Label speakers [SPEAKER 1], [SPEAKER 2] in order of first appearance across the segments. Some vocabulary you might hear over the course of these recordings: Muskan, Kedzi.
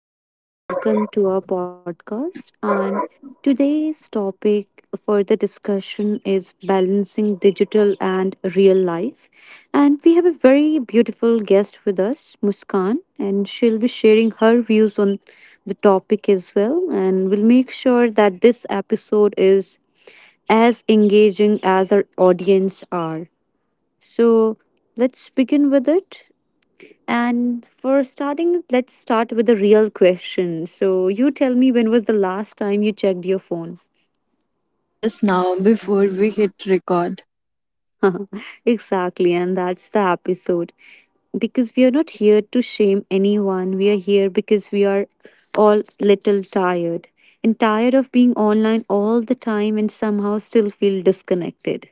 [SPEAKER 1] Hi everyone, welcome to our podcast. And today's topic for the discussion is balancing digital and real life. And we have a very beautiful guest with us, Muskan, and she'll be sharing her views on the topic as well. And we'll make sure that this episode is as engaging as our audience are. So let's begin with it. And for starting, let's start with a real question. So, you tell me, when was the last time you checked your phone?
[SPEAKER 2] Just now before we hit record.
[SPEAKER 1] Exactly, and that's the episode. Because we are not here to shame anyone, we are here because we are all little tired and tired of being online all the time and somehow still feel disconnected.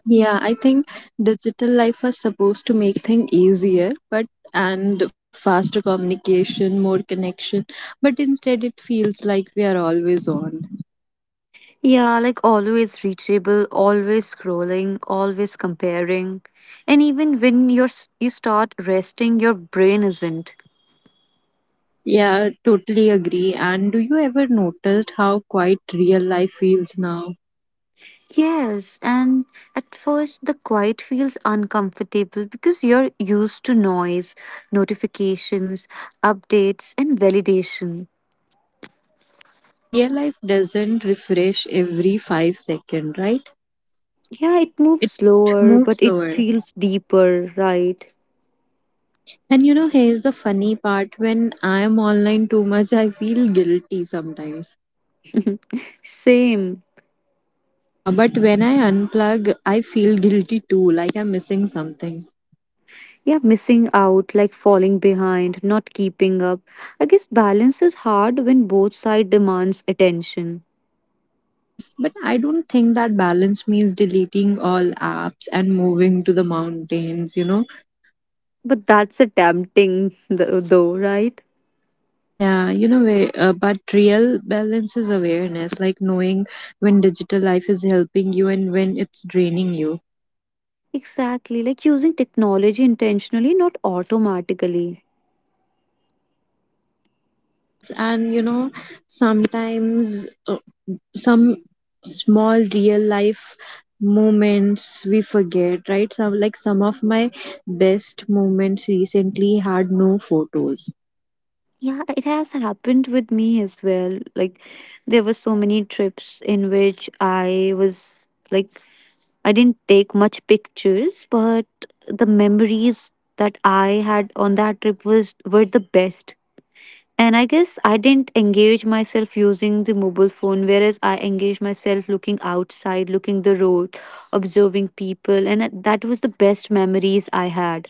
[SPEAKER 2] Yeah, I think digital life was supposed to make things easier, but and faster communication, more connection, but instead it feels like we are always on.
[SPEAKER 1] Yeah, like always reachable, always scrolling, always comparing. And even when you start resting, your brain isn't.
[SPEAKER 2] Yeah, totally agree. And do you ever noticed how quite real life feels now?
[SPEAKER 1] Yes, and at first the quiet feels uncomfortable because you're used to noise, notifications, updates, and validation.
[SPEAKER 2] Yeah, real life doesn't refresh every five seconds, right?
[SPEAKER 1] Yeah, it moves
[SPEAKER 2] It
[SPEAKER 1] slower,
[SPEAKER 2] moves
[SPEAKER 1] but it
[SPEAKER 2] slower.
[SPEAKER 1] feels deeper, right?
[SPEAKER 2] And you know, here's the funny part when I am online too much, I feel guilty sometimes.
[SPEAKER 1] Same.
[SPEAKER 2] Yeah, but when I unplug, I feel guilty too, like I'm missing something.
[SPEAKER 1] Yeah, missing out, like falling behind, not keeping up. I guess balance is hard when both side demands attention.
[SPEAKER 2] Yes, but I don't think that balance means deleting all apps and moving to the mountains, you know?
[SPEAKER 1] But that's a tempting though, right?
[SPEAKER 2] Yeah, you know, but real balance is awareness, like knowing when digital life is helping you and when it's draining you.
[SPEAKER 1] Exactly, like using technology intentionally, not automatically.
[SPEAKER 2] Yes, and you know, sometimes some small real life moments we forget, right? Some like some of my best moments recently had no photos.
[SPEAKER 1] Yeah, it has happened with me as well. Like there were so many trips in which I was like I didn't take much pictures, but the memories that I had on that trip was were the best. And I guess I didn't engage myself using the mobile phone, whereas I engaged myself looking outside, looking the road, observing people, and that was the best memories I had.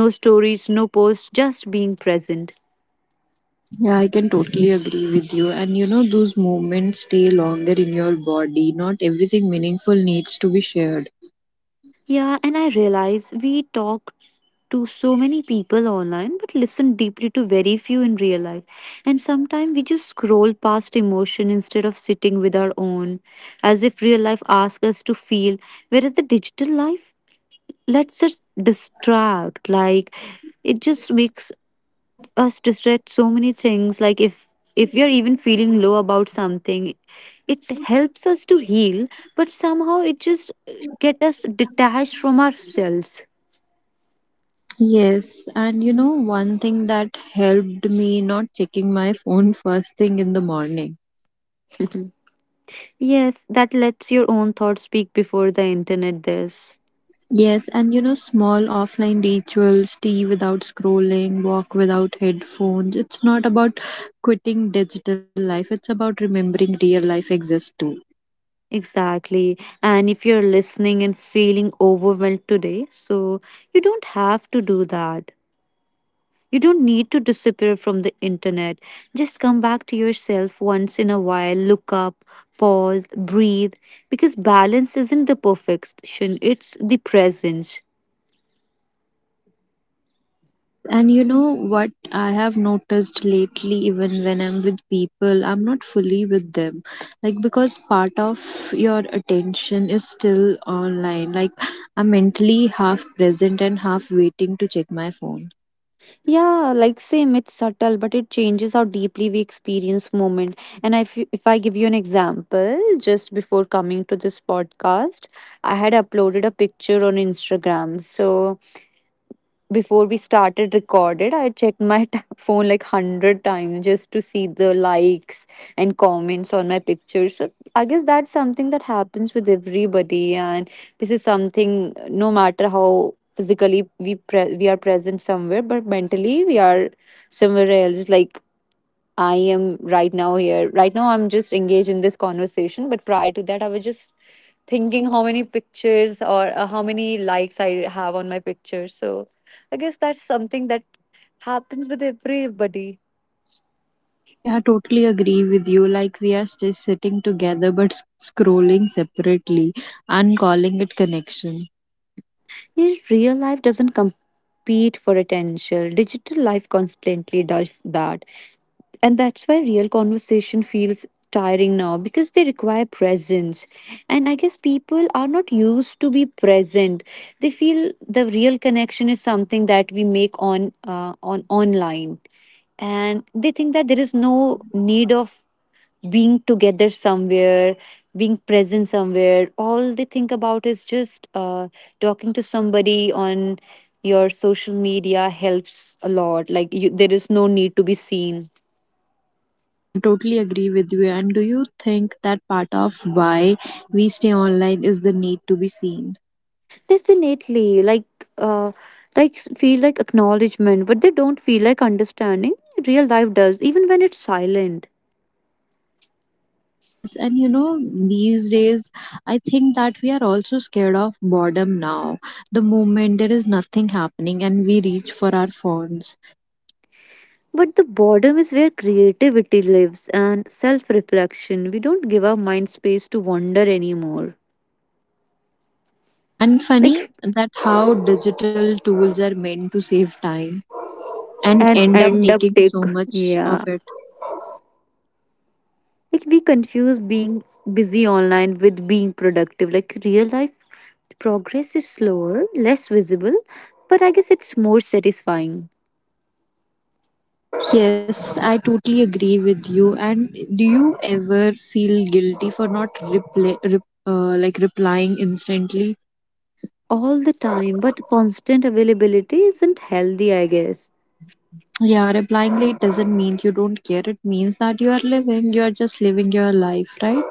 [SPEAKER 1] No stories, no posts, just being present.
[SPEAKER 2] Yeah, I can totally agree with you, and you know those moments stay longer in your body. Not everything meaningful needs to be shared.
[SPEAKER 1] Yeah, and I realize we talk to so many people online but listen deeply to very few in real life, and sometimes we just scroll past emotion instead of sitting with our own, as if real life asks us to feel, whereas the digital life let us just distract. Like it just makes us distract so many things, like if we are even feeling low about something, it helps us to heal, but somehow it just get us detached from ourselves.
[SPEAKER 2] Yes, and you know, one thing that helped me not checking my phone first thing in the morning.
[SPEAKER 1] Yes, that lets your own thoughts speak before the internet does.
[SPEAKER 2] Yes, and you know, small offline rituals, tea without scrolling, walk without headphones. It's not about quitting digital life, it's about remembering real life exists too.
[SPEAKER 1] Exactly, and if you're listening and feeling overwhelmed today, so you don't have to do that. You don't need to disappear from the internet. Just come back to yourself once in a while, look up, pause, breathe, because balance isn't the perfection, it's the presence.
[SPEAKER 2] Yes, and you know what I have noticed lately, even when I'm with people, I'm not fully with them. Like, because part of your attention is still online. Like, I'm mentally half present and half waiting to check my phone.
[SPEAKER 1] Yeah, like same, it's subtle, but it changes how deeply we experience moment. And if you, if I give you an example, just before coming to this podcast, I had uploaded a picture on Instagram. So before we started recorded, I checked my phone like 100 times just to see the likes and comments on my pictures. So I guess that's something that happens with everybody. And this is something, no matter how physically we are present somewhere, but mentally we are somewhere else. Like I am right now here, right now I'm just engaged in this conversation, but prior to that I was just thinking how many pictures or how many likes I have on my picture. So I guess that's something that happens with everybody.
[SPEAKER 2] Yeah, I totally agree with you. Like we are still sitting together but scrolling separately and calling it connection.
[SPEAKER 1] Yet real life doesn't compete for attention. Digital life constantly does that. And that's why real conversation feels tiring now because they require presence. And I guess people are not used to be present. They feel the real connection is something that we make on online, and they think that there is no need of being together somewhere, being present somewhere. All they think about is just talking to somebody on your social media helps a lot, like you, there is no need to be seen.
[SPEAKER 2] Yeah, I totally agree with you. And do you think that part of why we stay online is the need to be seen?
[SPEAKER 1] Definitely, uh, like feel like acknowledgement, but they don't feel like understanding. Real life does, even when it's silent.
[SPEAKER 2] Yes, and you know, these days I think that we are also scared of boredom now. The moment there is nothing happening and we reach for our phones.
[SPEAKER 1] But the boredom is where creativity lives and self reflection. We don't give our mind space to wander anymore.
[SPEAKER 2] Yeah, and funny
[SPEAKER 1] Like
[SPEAKER 2] that how digital tools are meant to save time and
[SPEAKER 1] and
[SPEAKER 2] end up
[SPEAKER 1] end up
[SPEAKER 2] taking
[SPEAKER 1] take,
[SPEAKER 2] so much of
[SPEAKER 1] yeah,
[SPEAKER 2] it.
[SPEAKER 1] like we confuse being busy online with being productive. Like real life progress is slower, less visible, but I guess it's more satisfying.
[SPEAKER 2] Yes, I totally agree with you. And do you ever feel guilty for not reply, rep, like replying instantly?
[SPEAKER 1] All the time, but constant availability isn't healthy, I guess.
[SPEAKER 2] Yeah, replying late doesn't mean you don't care. It means that you are living. You are just living your life, right?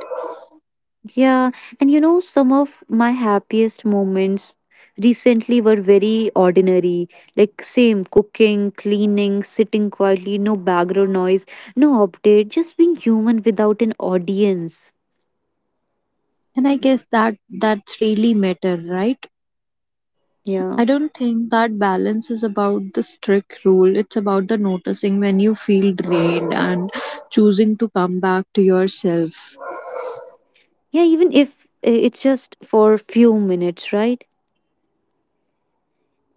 [SPEAKER 1] Yeah, and you know, some of my happiest moments recently were very ordinary. Like, same cooking, cleaning, sitting quietly, no background noise, no update, just being human without an audience.
[SPEAKER 2] And I guess that's really matter, right?
[SPEAKER 1] Yeah.
[SPEAKER 2] I don't think that balance is about the strict rule. It's about the noticing when you feel drained and choosing to come back to yourself.
[SPEAKER 1] Yeah, even if it's just for few minutes, right?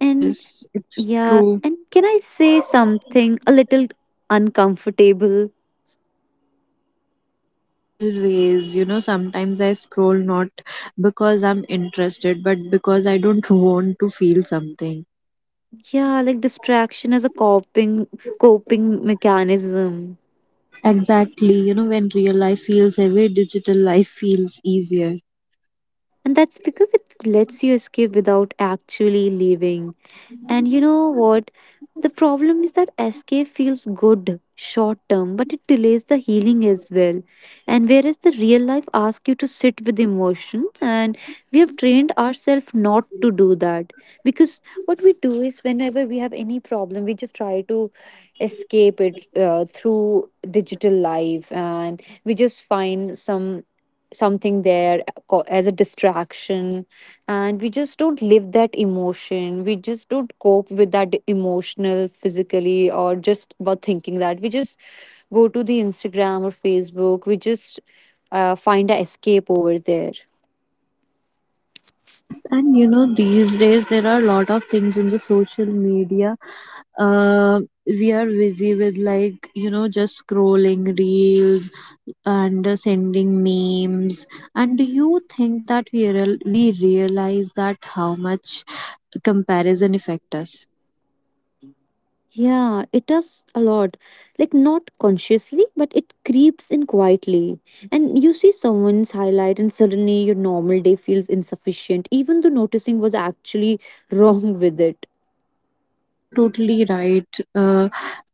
[SPEAKER 1] And
[SPEAKER 2] it's
[SPEAKER 1] yeah,
[SPEAKER 2] true.
[SPEAKER 1] and can I say something a little uncomfortable?
[SPEAKER 2] Always, you know, sometimes I scroll not because I'm interested, but because I don't want to feel something.
[SPEAKER 1] Yeah, like distraction as a coping mechanism.
[SPEAKER 2] Exactly, you know, when real life feels heavy, digital life feels easier.
[SPEAKER 1] And that's because it lets you escape without actually leaving. And you know what? The problem is that escape feels good short term, but it delays the healing as well. And whereas the real life asks you to sit with emotions, and we have trained ourselves not to do that. Because what we do is whenever we have any problem, we just try to escape it through digital life, and we just find some something there as a distraction. And we just don't live that emotion, we just don't cope with that emotional physically, or just about thinking that we just go to the Instagram or Facebook, we just find a escape over there.
[SPEAKER 2] Yes, and you know, these days there are a lot of things in the social media uh, we are busy with, like, you know, just scrolling reels and sending memes. And do you think that we realize that how much comparison affect us?
[SPEAKER 1] Yeah, it does a lot. Like, not consciously, but it creeps in quietly. And you see someone's highlight, and suddenly your normal day feels insufficient, even though noticing was actually wrong with it.
[SPEAKER 2] Yeah, totally right. uh,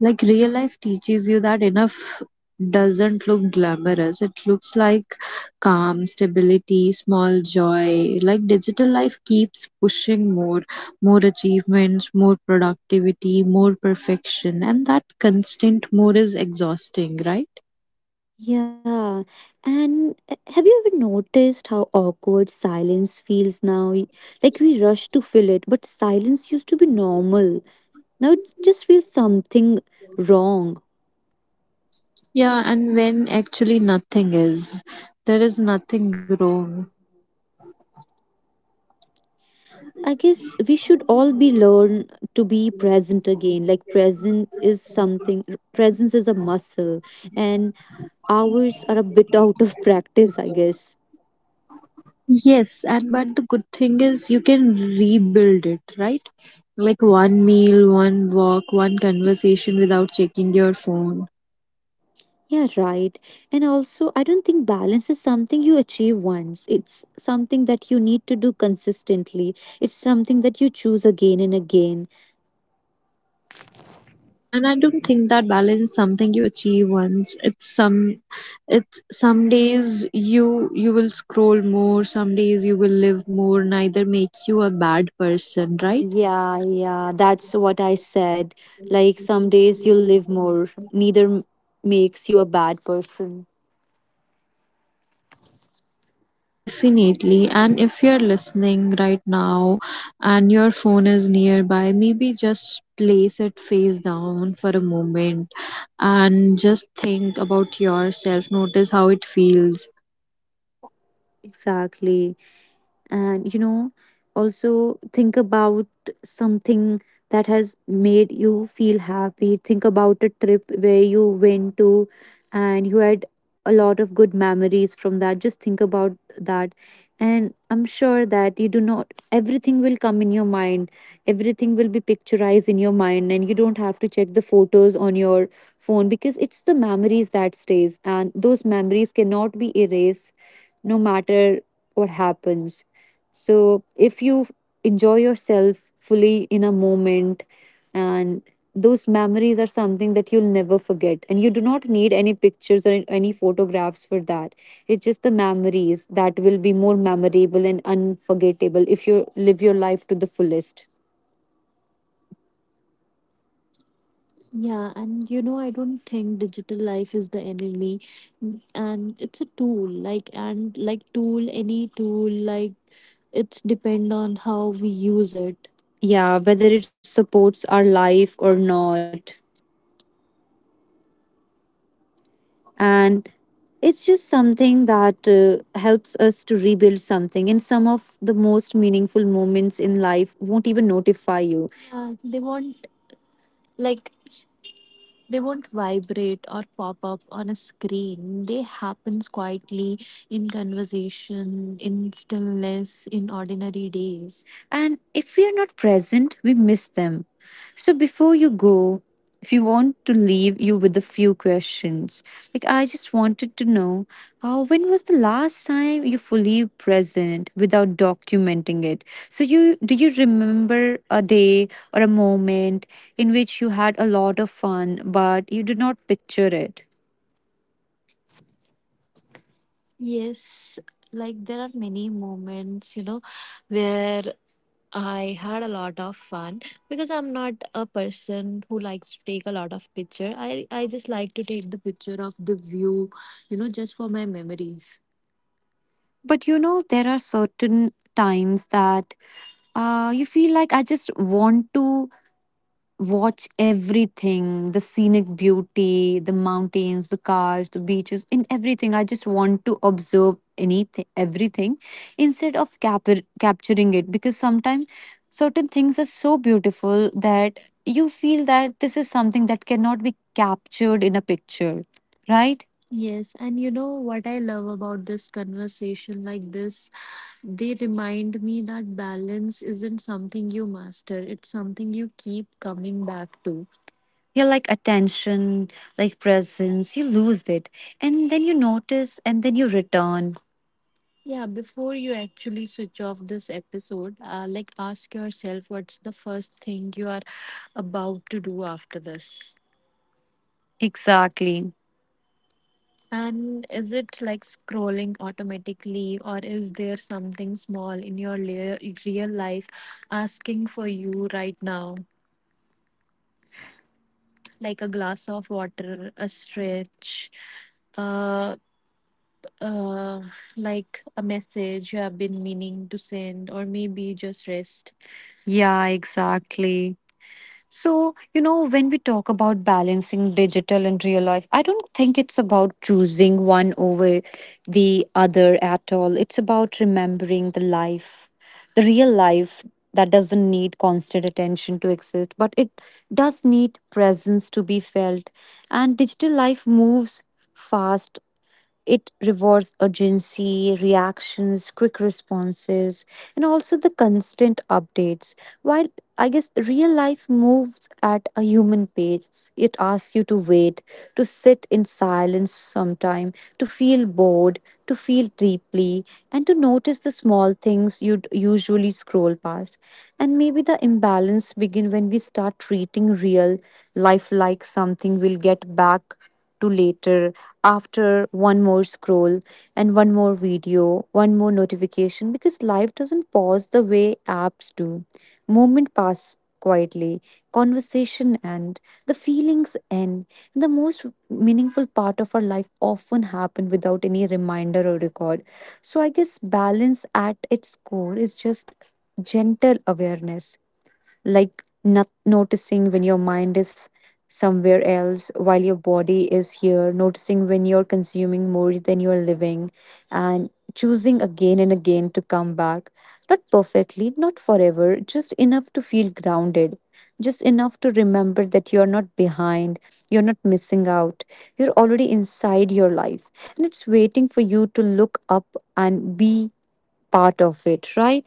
[SPEAKER 2] like real life teaches you that enough doesn't look glamorous, it looks like calm stability, small joy. Like digital life keeps pushing more, more achievements, more productivity, more perfection, and that constant more is exhausting, right?
[SPEAKER 1] Yeah. And have you ever noticed how awkward silence feels now? Like we rush to fill it, but silence used to be normal. Now it just feels something wrong.
[SPEAKER 2] Yeah, and when actually nothing is, there is nothing wrong.
[SPEAKER 1] I guess we should all be learn to be present again. Like present is something, presence is a muscle, and ours are a bit out of practice, I guess.
[SPEAKER 2] Yes, and but the good thing is you can rebuild it, right? Like one meal, one walk, one conversation without checking your phone.
[SPEAKER 1] Yeah, right. And also, I don't think balance is something you achieve once. It's something that you need to do consistently. It's something that you choose again and again.
[SPEAKER 2] Yeah, and I don't think that balance is something you achieve once. It's some days you will scroll more, some days you will live more, neither make you a bad person, right?
[SPEAKER 1] Yeah, yeah, that's what I said. Like, some days you'll live more, neither makes you a bad person.
[SPEAKER 2] Definitely. And if you're listening right now and your phone is nearby, maybe just place it face down for a moment and just think about yourself. Notice how it feels.
[SPEAKER 1] Exactly. And you know, also think about something that has made you feel happy. Think about a trip where you went to and you had a lot of good memories from that, just think about that. And I'm sure that you do not, everything will come in your mind, everything will be picturized in your mind, and you don't have to check the photos on your phone, because it's the memories that stays, and those memories cannot be erased, no matter what happens. So if you enjoy yourself fully in a moment, and those memories are something that you'll never forget, and you do not need any pictures or any photographs for that. It's just the memories that will be more memorable and unforgettable if you live your life to the fullest. Yeah, and you know, I don't think digitalize me, and it's a tool. Like and like tool, any tool, like it's depend on how we use it. Yeah, whether it supports our life or not. And it's just something that helps us something, and some of the most meaningful moments in life won't even notify you. Yeah, they won't, like they won't vibrate or pop up on a screen. They happen quietly in conversation, in stillness, in ordinary days. And if we are not present, we miss them. So before you go, if you want to leave you with a few questions, like I just wanted to know, when was the last time you fully present without documenting it? So you, do you remember a day or a moment in which you had a lot of fun but you did not picture it? Yes, like there are many moments, you know, where I had a lot of fun, because I'm not a person who likes to take a lot of picture. I just like to take the picture of the view, you know, just for my memories. But you know there are certain times that you feel like I just want to watch everything, the scenic beauty, the mountains, the cars, the beaches, in everything. I just want to observe anything, everything instead of capturing it, because sometimes certain things are so beautiful that you feel that this is something that cannot be captured in a picture, right? Yes, and you know what I love about this conversation like this? They remind me that balance isn't something you master, it's something you keep coming back to. Yeah, like attention, like presence, you lose it. And then you notice and then you return. Yeah, before you actually switch off this episode, like ask yourself what's the first thing you are about to do after this. Exactly. And is it like scrolling automatically, or is there something small in your real life asking for you right now? Like a glass of water, a stretch, uh, uh, like a message you have been meaning to send, or maybe just rest. Yeah, exactly. So, you know, when we talk about balancing digital and real life, I don't think it's about choosing one over the other at all. It's about remembering the life, the real life that doesn't need constant attention to exist, but it does need presence to be felt. And digital life moves fast, it rewards urgency, reactions, quick responses, and also the constant updates. While, I guess, real life moves at a human pace. It asks you to wait, to sit in silence sometime, to feel bored, to feel deeply, and to notice the small things you'd usually scroll past. And maybe the imbalance begin when we start treating real life like something we'll get back to later, after one more scroll and one more video, one more notification, because life doesn't pause the way apps do. Moment pass quietly, conversation end, the feelings end, the most meaningful part of our life often happen without any reminder or record. So I guess balance at its core is just gentle awareness, like not noticing when your mind is somewhere else while your body is here, noticing when you're consuming more than you're living, and choosing again and again to come back. Not perfectly, not forever, just enough to feel grounded, just enough to remember that you're not behind, you're not missing out, you're already inside your life, and it's waiting for you to look up and be part of it, right?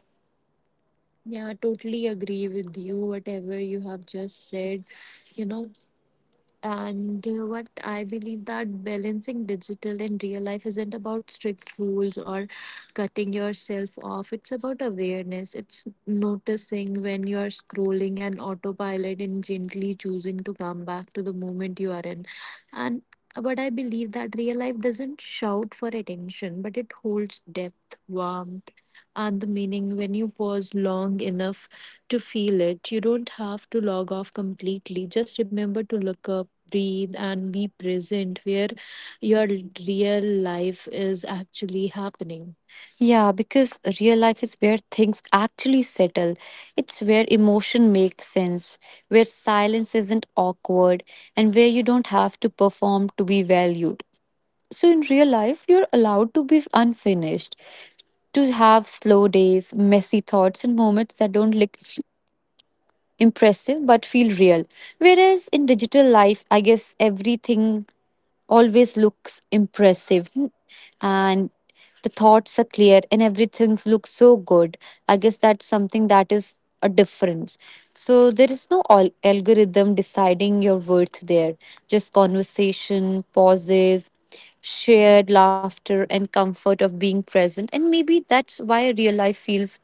[SPEAKER 1] Yeah, totally agree with you, whatever you have just said, you know. And what I believe that balancing digital and real life isn't about strict rules or cutting yourself off. It's about awareness. It's noticing when you are scrolling and autopilot, and gently choosing to come back to the moment you are in. And but I believe that real life doesn't shout for attention, but it holds depth, warmth, and the meaning when you pause long enough to feel it. You don't have to log off completely. Just remember to look up, breathe, and be present where your real life is actually happening. Yeah, because real life is where things actually settle. It's where emotion makes sense, where silence isn't awkward, and where you don't have to perform to be valued. So in real life, you're allowed to be unfinished, to have slow days, messy thoughts, and moments that don't look impressive but feel real. Whereas in digital life, I guess everything always looks impressive, and the thoughts are clear and everything looks so good. I guess that's something that is a difference. So there is no algorithm deciding your worth there, just conversation, pauses, shared laughter, and comfort of being present. And maybe that's why real life feels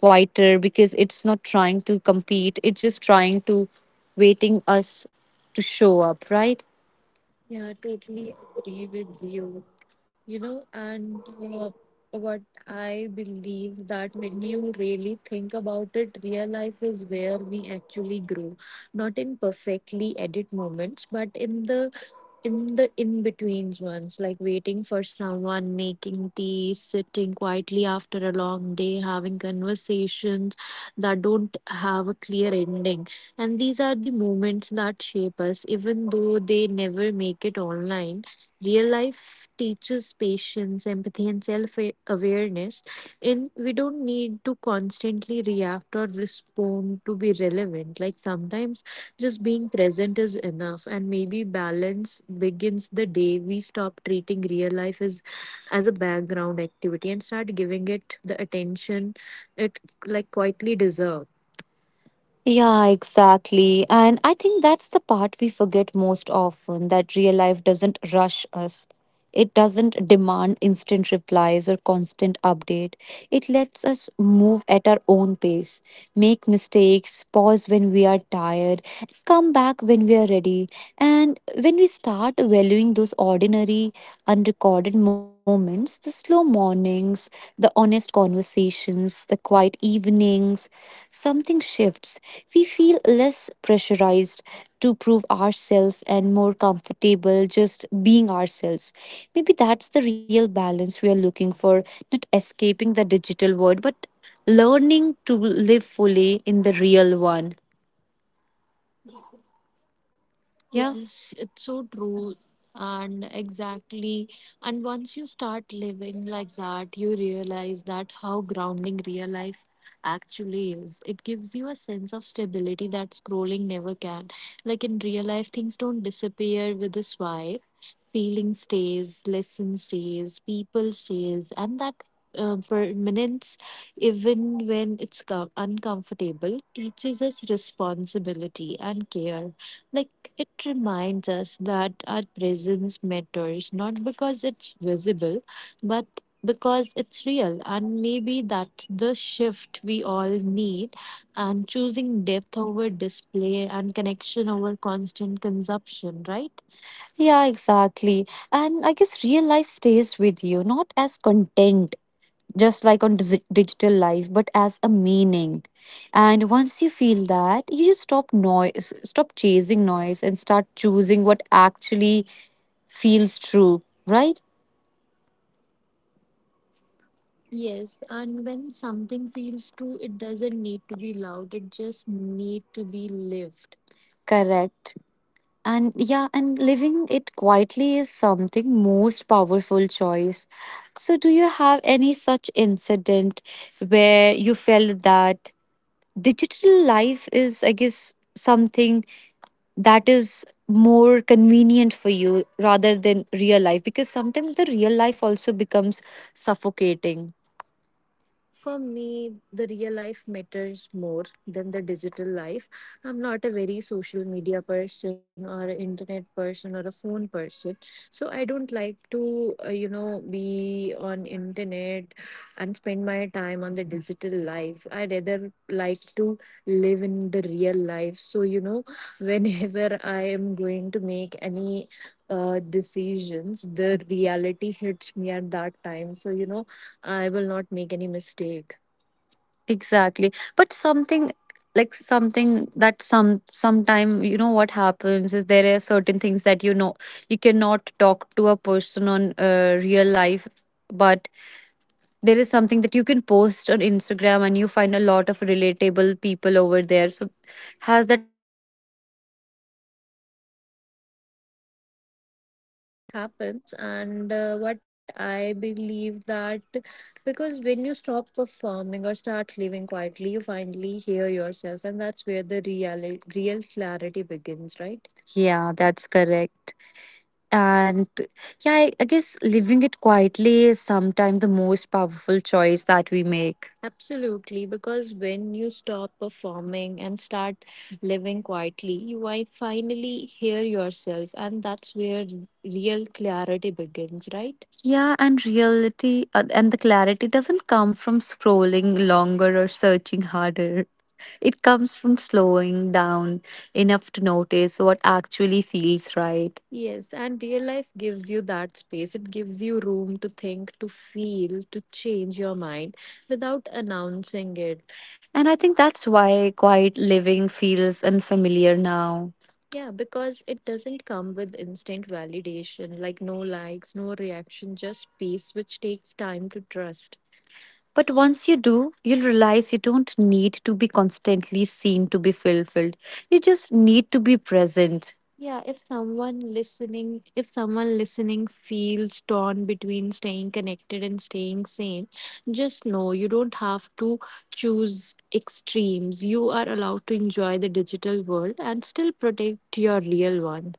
[SPEAKER 1] quieter, because it's not trying to compete, it's just trying to waiting us to show up, right? Agree with you, you know and uh, what I believe that when you really think about it, real life is where we actually grow, not in perfectly edit moments, but in the in betweens ones, like waiting for someone, making tea, sitting quietly after a long day, having conversations that don't have a clear ending. And these are the moments that shape us, even though they never make it online. Real life teaches patience, empathy, and self awareness. And we don't need to constantly react or respond to be relevant. Like sometimes just being present is enough, and maybe balance begins the day we stop treating real life as a background activity and start giving it the attention it like quietly deserves. Yeah, exactly. And I think that's the part we forget most often, that real life doesn't rush us. It doesn't demand instant replies or constant update. It lets us move at our own pace, make mistakes, pause when we are tired, come back when we are ready. And when we start valuing those ordinary, unrecorded moments, the slow mornings, the honest conversations, the quiet evenings, something shifts, we feel less pressurized to prove ourselves and more comfortable just being ourselves. Maybe that's the real balance we are looking for, not escaping the digital world, but learning to live fully in the real one. Yeah. Yes, it's so true. And exactly. And once you start living like that, you realize that how grounding real life actually is. It gives you a sense of stability that scrolling never can. Like in real life, things don't disappear with a swipe, feeling stays, lesson stays, people stays, and that permanence, even when it's uncomfortable, teaches us responsibility and care. Like it reminds us that our presence matters, not because it's visible, but because it's real, and maybe that's the shift we all need, and choosing depth over display and connection over constant consumption, right? Yeah, exactly. And I guess real life stays with you, not as content, just like on digital life, but as a meaning. And once you feel that, you just stop noise, stop chasing noise, and start choosing what actually feels true, right? Yes, and when something feels true, it doesn't need to be loud, it just need to be lived. Correct. And yeah, and living it quietly is something most powerful choice. So do you have any such incident where you felt that digital life is, I guess, something that is more convenient for you rather than real life? Because sometimes the real life also becomes suffocating. For me, the real life matters more than the digital life. I'm not a very social media person or an internet person or a phone person. So I don't like to, be on internet and spend my time on the digital life. I rather like to live in the real life. So, whenever I am going to make any decisions, the reality hits me at that time. So, I will not make any mistake. Exactly. But something like something that sometime, you know, what happens is there are certain things that, you know, you cannot talk to a person on real life, but there is something that you can post on Instagram and you find a lot of relatable people over there. So has that happens, and what I believe that, because when you stop performing or start living quietly, you finally hear yourself, and that's where the real clarity begins, right? Yeah, that's correct. And yeah, I guess living it quietly is sometimes the most powerful choice that we make. Absolutely, because when you stop performing and start living quietly, you might finally hear yourself, and that's where real clarity begins, right? Yeah, and reality and the clarity doesn't come from scrolling longer or searching harder. It comes from slowing down enough to notice what actually feels right. Yes, and real life gives you that space. It gives you room to think, to feel, to change your mind without announcing it. And I think that's why quiet living feels unfamiliar now. Yeah, because it doesn't come with instant validation, like no likes, no reaction, just peace, which takes time to trust. But once you do, you'll realize you don't need to be constantly seen to be fulfilled. You just need to be present. Yeah, if someone listening feels torn between staying connected and staying sane, just know you don't have to choose extremes. You are allowed to enjoy the digital world and still protect your real one.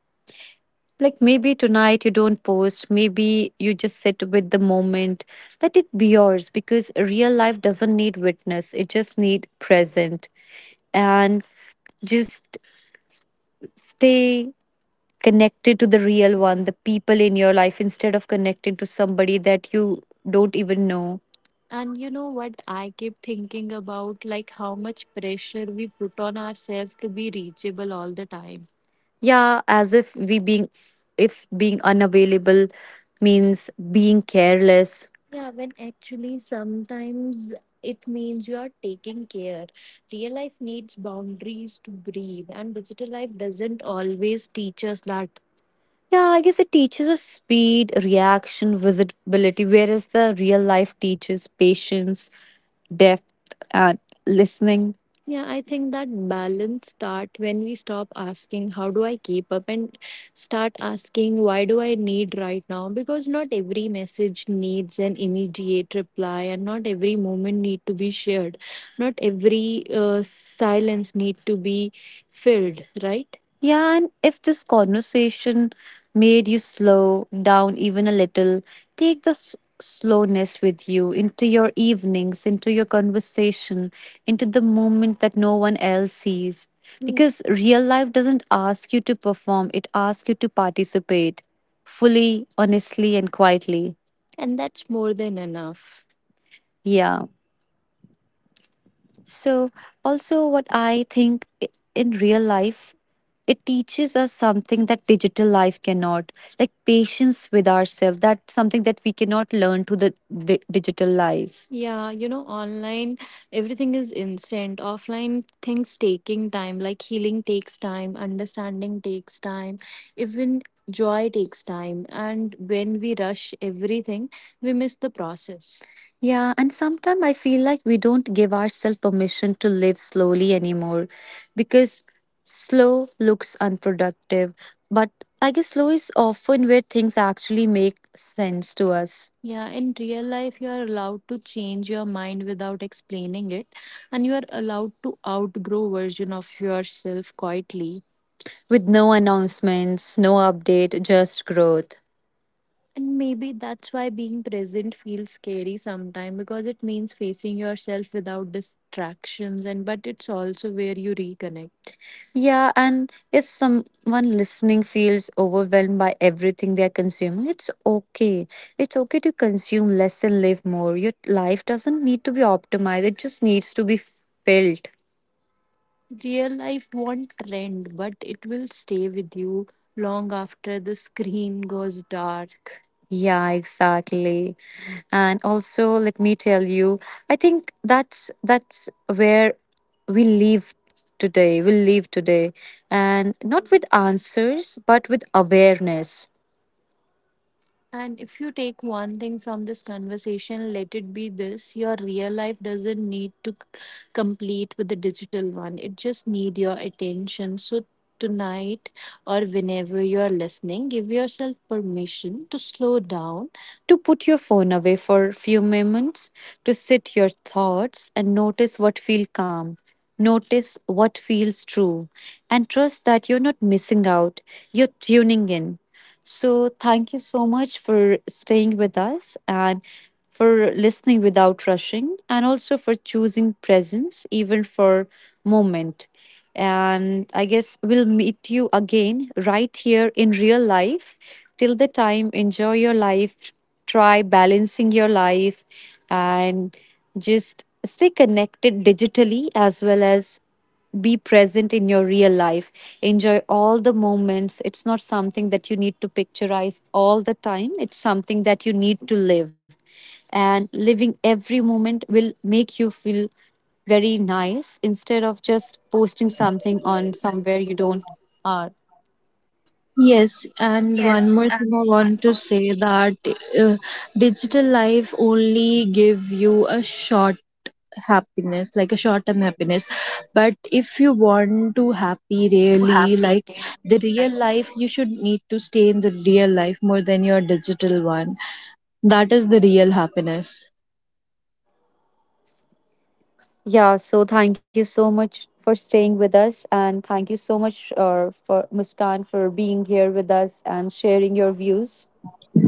[SPEAKER 1] Like maybe tonight you don't post, maybe you just sit with the moment. Let it be yours, because real life doesn't need witness, it just need present. And just stay connected to the real one, the people in your life, instead of connecting to somebody that you don't even know. And you know what I keep thinking about, like how much pressure we put on ourselves to be reachable all the time. Yeah, as if we being if being unavailable means being careless. Yeah, when actually sometimes it means you are taking care. Real life needs boundaries to breathe, and digital life doesn't always teach us that. Yeah, I guess it teaches us speed, reaction, visibility, whereas the real life teaches patience, depth, and listening. Yeah, I think that balance start when we stop asking how do I keep up and start asking why do I need right now, because not every message needs an immediate reply and not every moment need to be shared. Not every silence need to be filled, right? Yeah, and if this conversation made you slow down even a little, take the slowness with you into your evenings, into your conversation, into the moment that no one else sees. Because real life doesn't ask you to perform, it asks you to participate fully, honestly, and quietly. And that's more than enough. Yeah. So, also, what I think in real life, it teaches us something that digital life cannot, like patience with ourselves. That's something that we cannot learn to the digital life. Yeah, online everything is instant. Offline things taking time, like healing takes time, understanding takes time, even joy takes time. And when we rush everything, we miss the process. Yeah, and sometimes I feel like we don't give ourselves permission to live slowly anymore because slow looks unproductive. But I guess slow is often where things actually make sense to us. Yeah, in real life, you are allowed to change your mind without explaining it, and you are allowed to outgrow version of yourself quietly. With no announcements, no update, just growth. And maybe that's why being present feels scary sometimes because it means facing yourself without distractions and but it's also where you reconnect. Yeah, and if someone listening feels overwhelmed by everything they are consuming, it's okay. It's okay to consume less and live more. Your life doesn't need to be optimized, it just needs to be filled. Real life won't trend, but it will stay with you long after the screen goes dark. Yeah, exactly. And also, let me tell you, I think that's where we live today. We live today, and not with answers, but with awareness. And if you take one thing from this conversation, let it be this, your real life doesn't need to complete with the digital one, it just needs your attention. So, tonight or whenever you're listening, give yourself permission to slow down, to put your phone away for a few moments, to sit your thoughts and notice what feels calm, notice what feels true, and trust that you're not missing out, you're tuning in. So, thank you so much for staying with us and for listening without rushing, and also for choosing presence even for moment. And I guess we'll meet you again right here in real life. Till the time, enjoy your life, try balancing your life, and just stay connected digitally as well as be present in your real life. Enjoy all the moments. It's not something that you need to picturize all the time, it's something that you need to live, and living every moment will make you feel very nice instead of just posting something on somewhere you don't are.
[SPEAKER 2] Yes, and one more thing I want to say that uh, digital life only give you a short happiness, like a short term happiness. But if you want to happy really, like the real life, you should need to stay in the real life more than your digital one. That is the real happiness.
[SPEAKER 1] Yeah, so thank you so much for staying with us and thank you so much for Muskan for being here with us and sharing your views.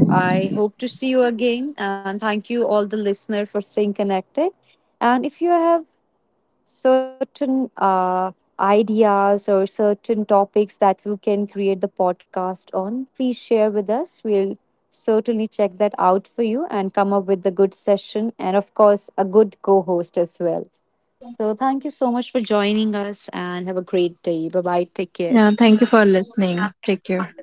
[SPEAKER 1] I hope to see you again and thank you all the listener for staying connected. And if you have certain ideas or certain topics that you can create the podcast on, please share with us. We'll certainly check that out for you and come up with a good session and of course a good co-host as well. So thank you so much for joining us and have a great day. Bye bye. Take care.
[SPEAKER 2] Yeah, thank you for listening. Take care.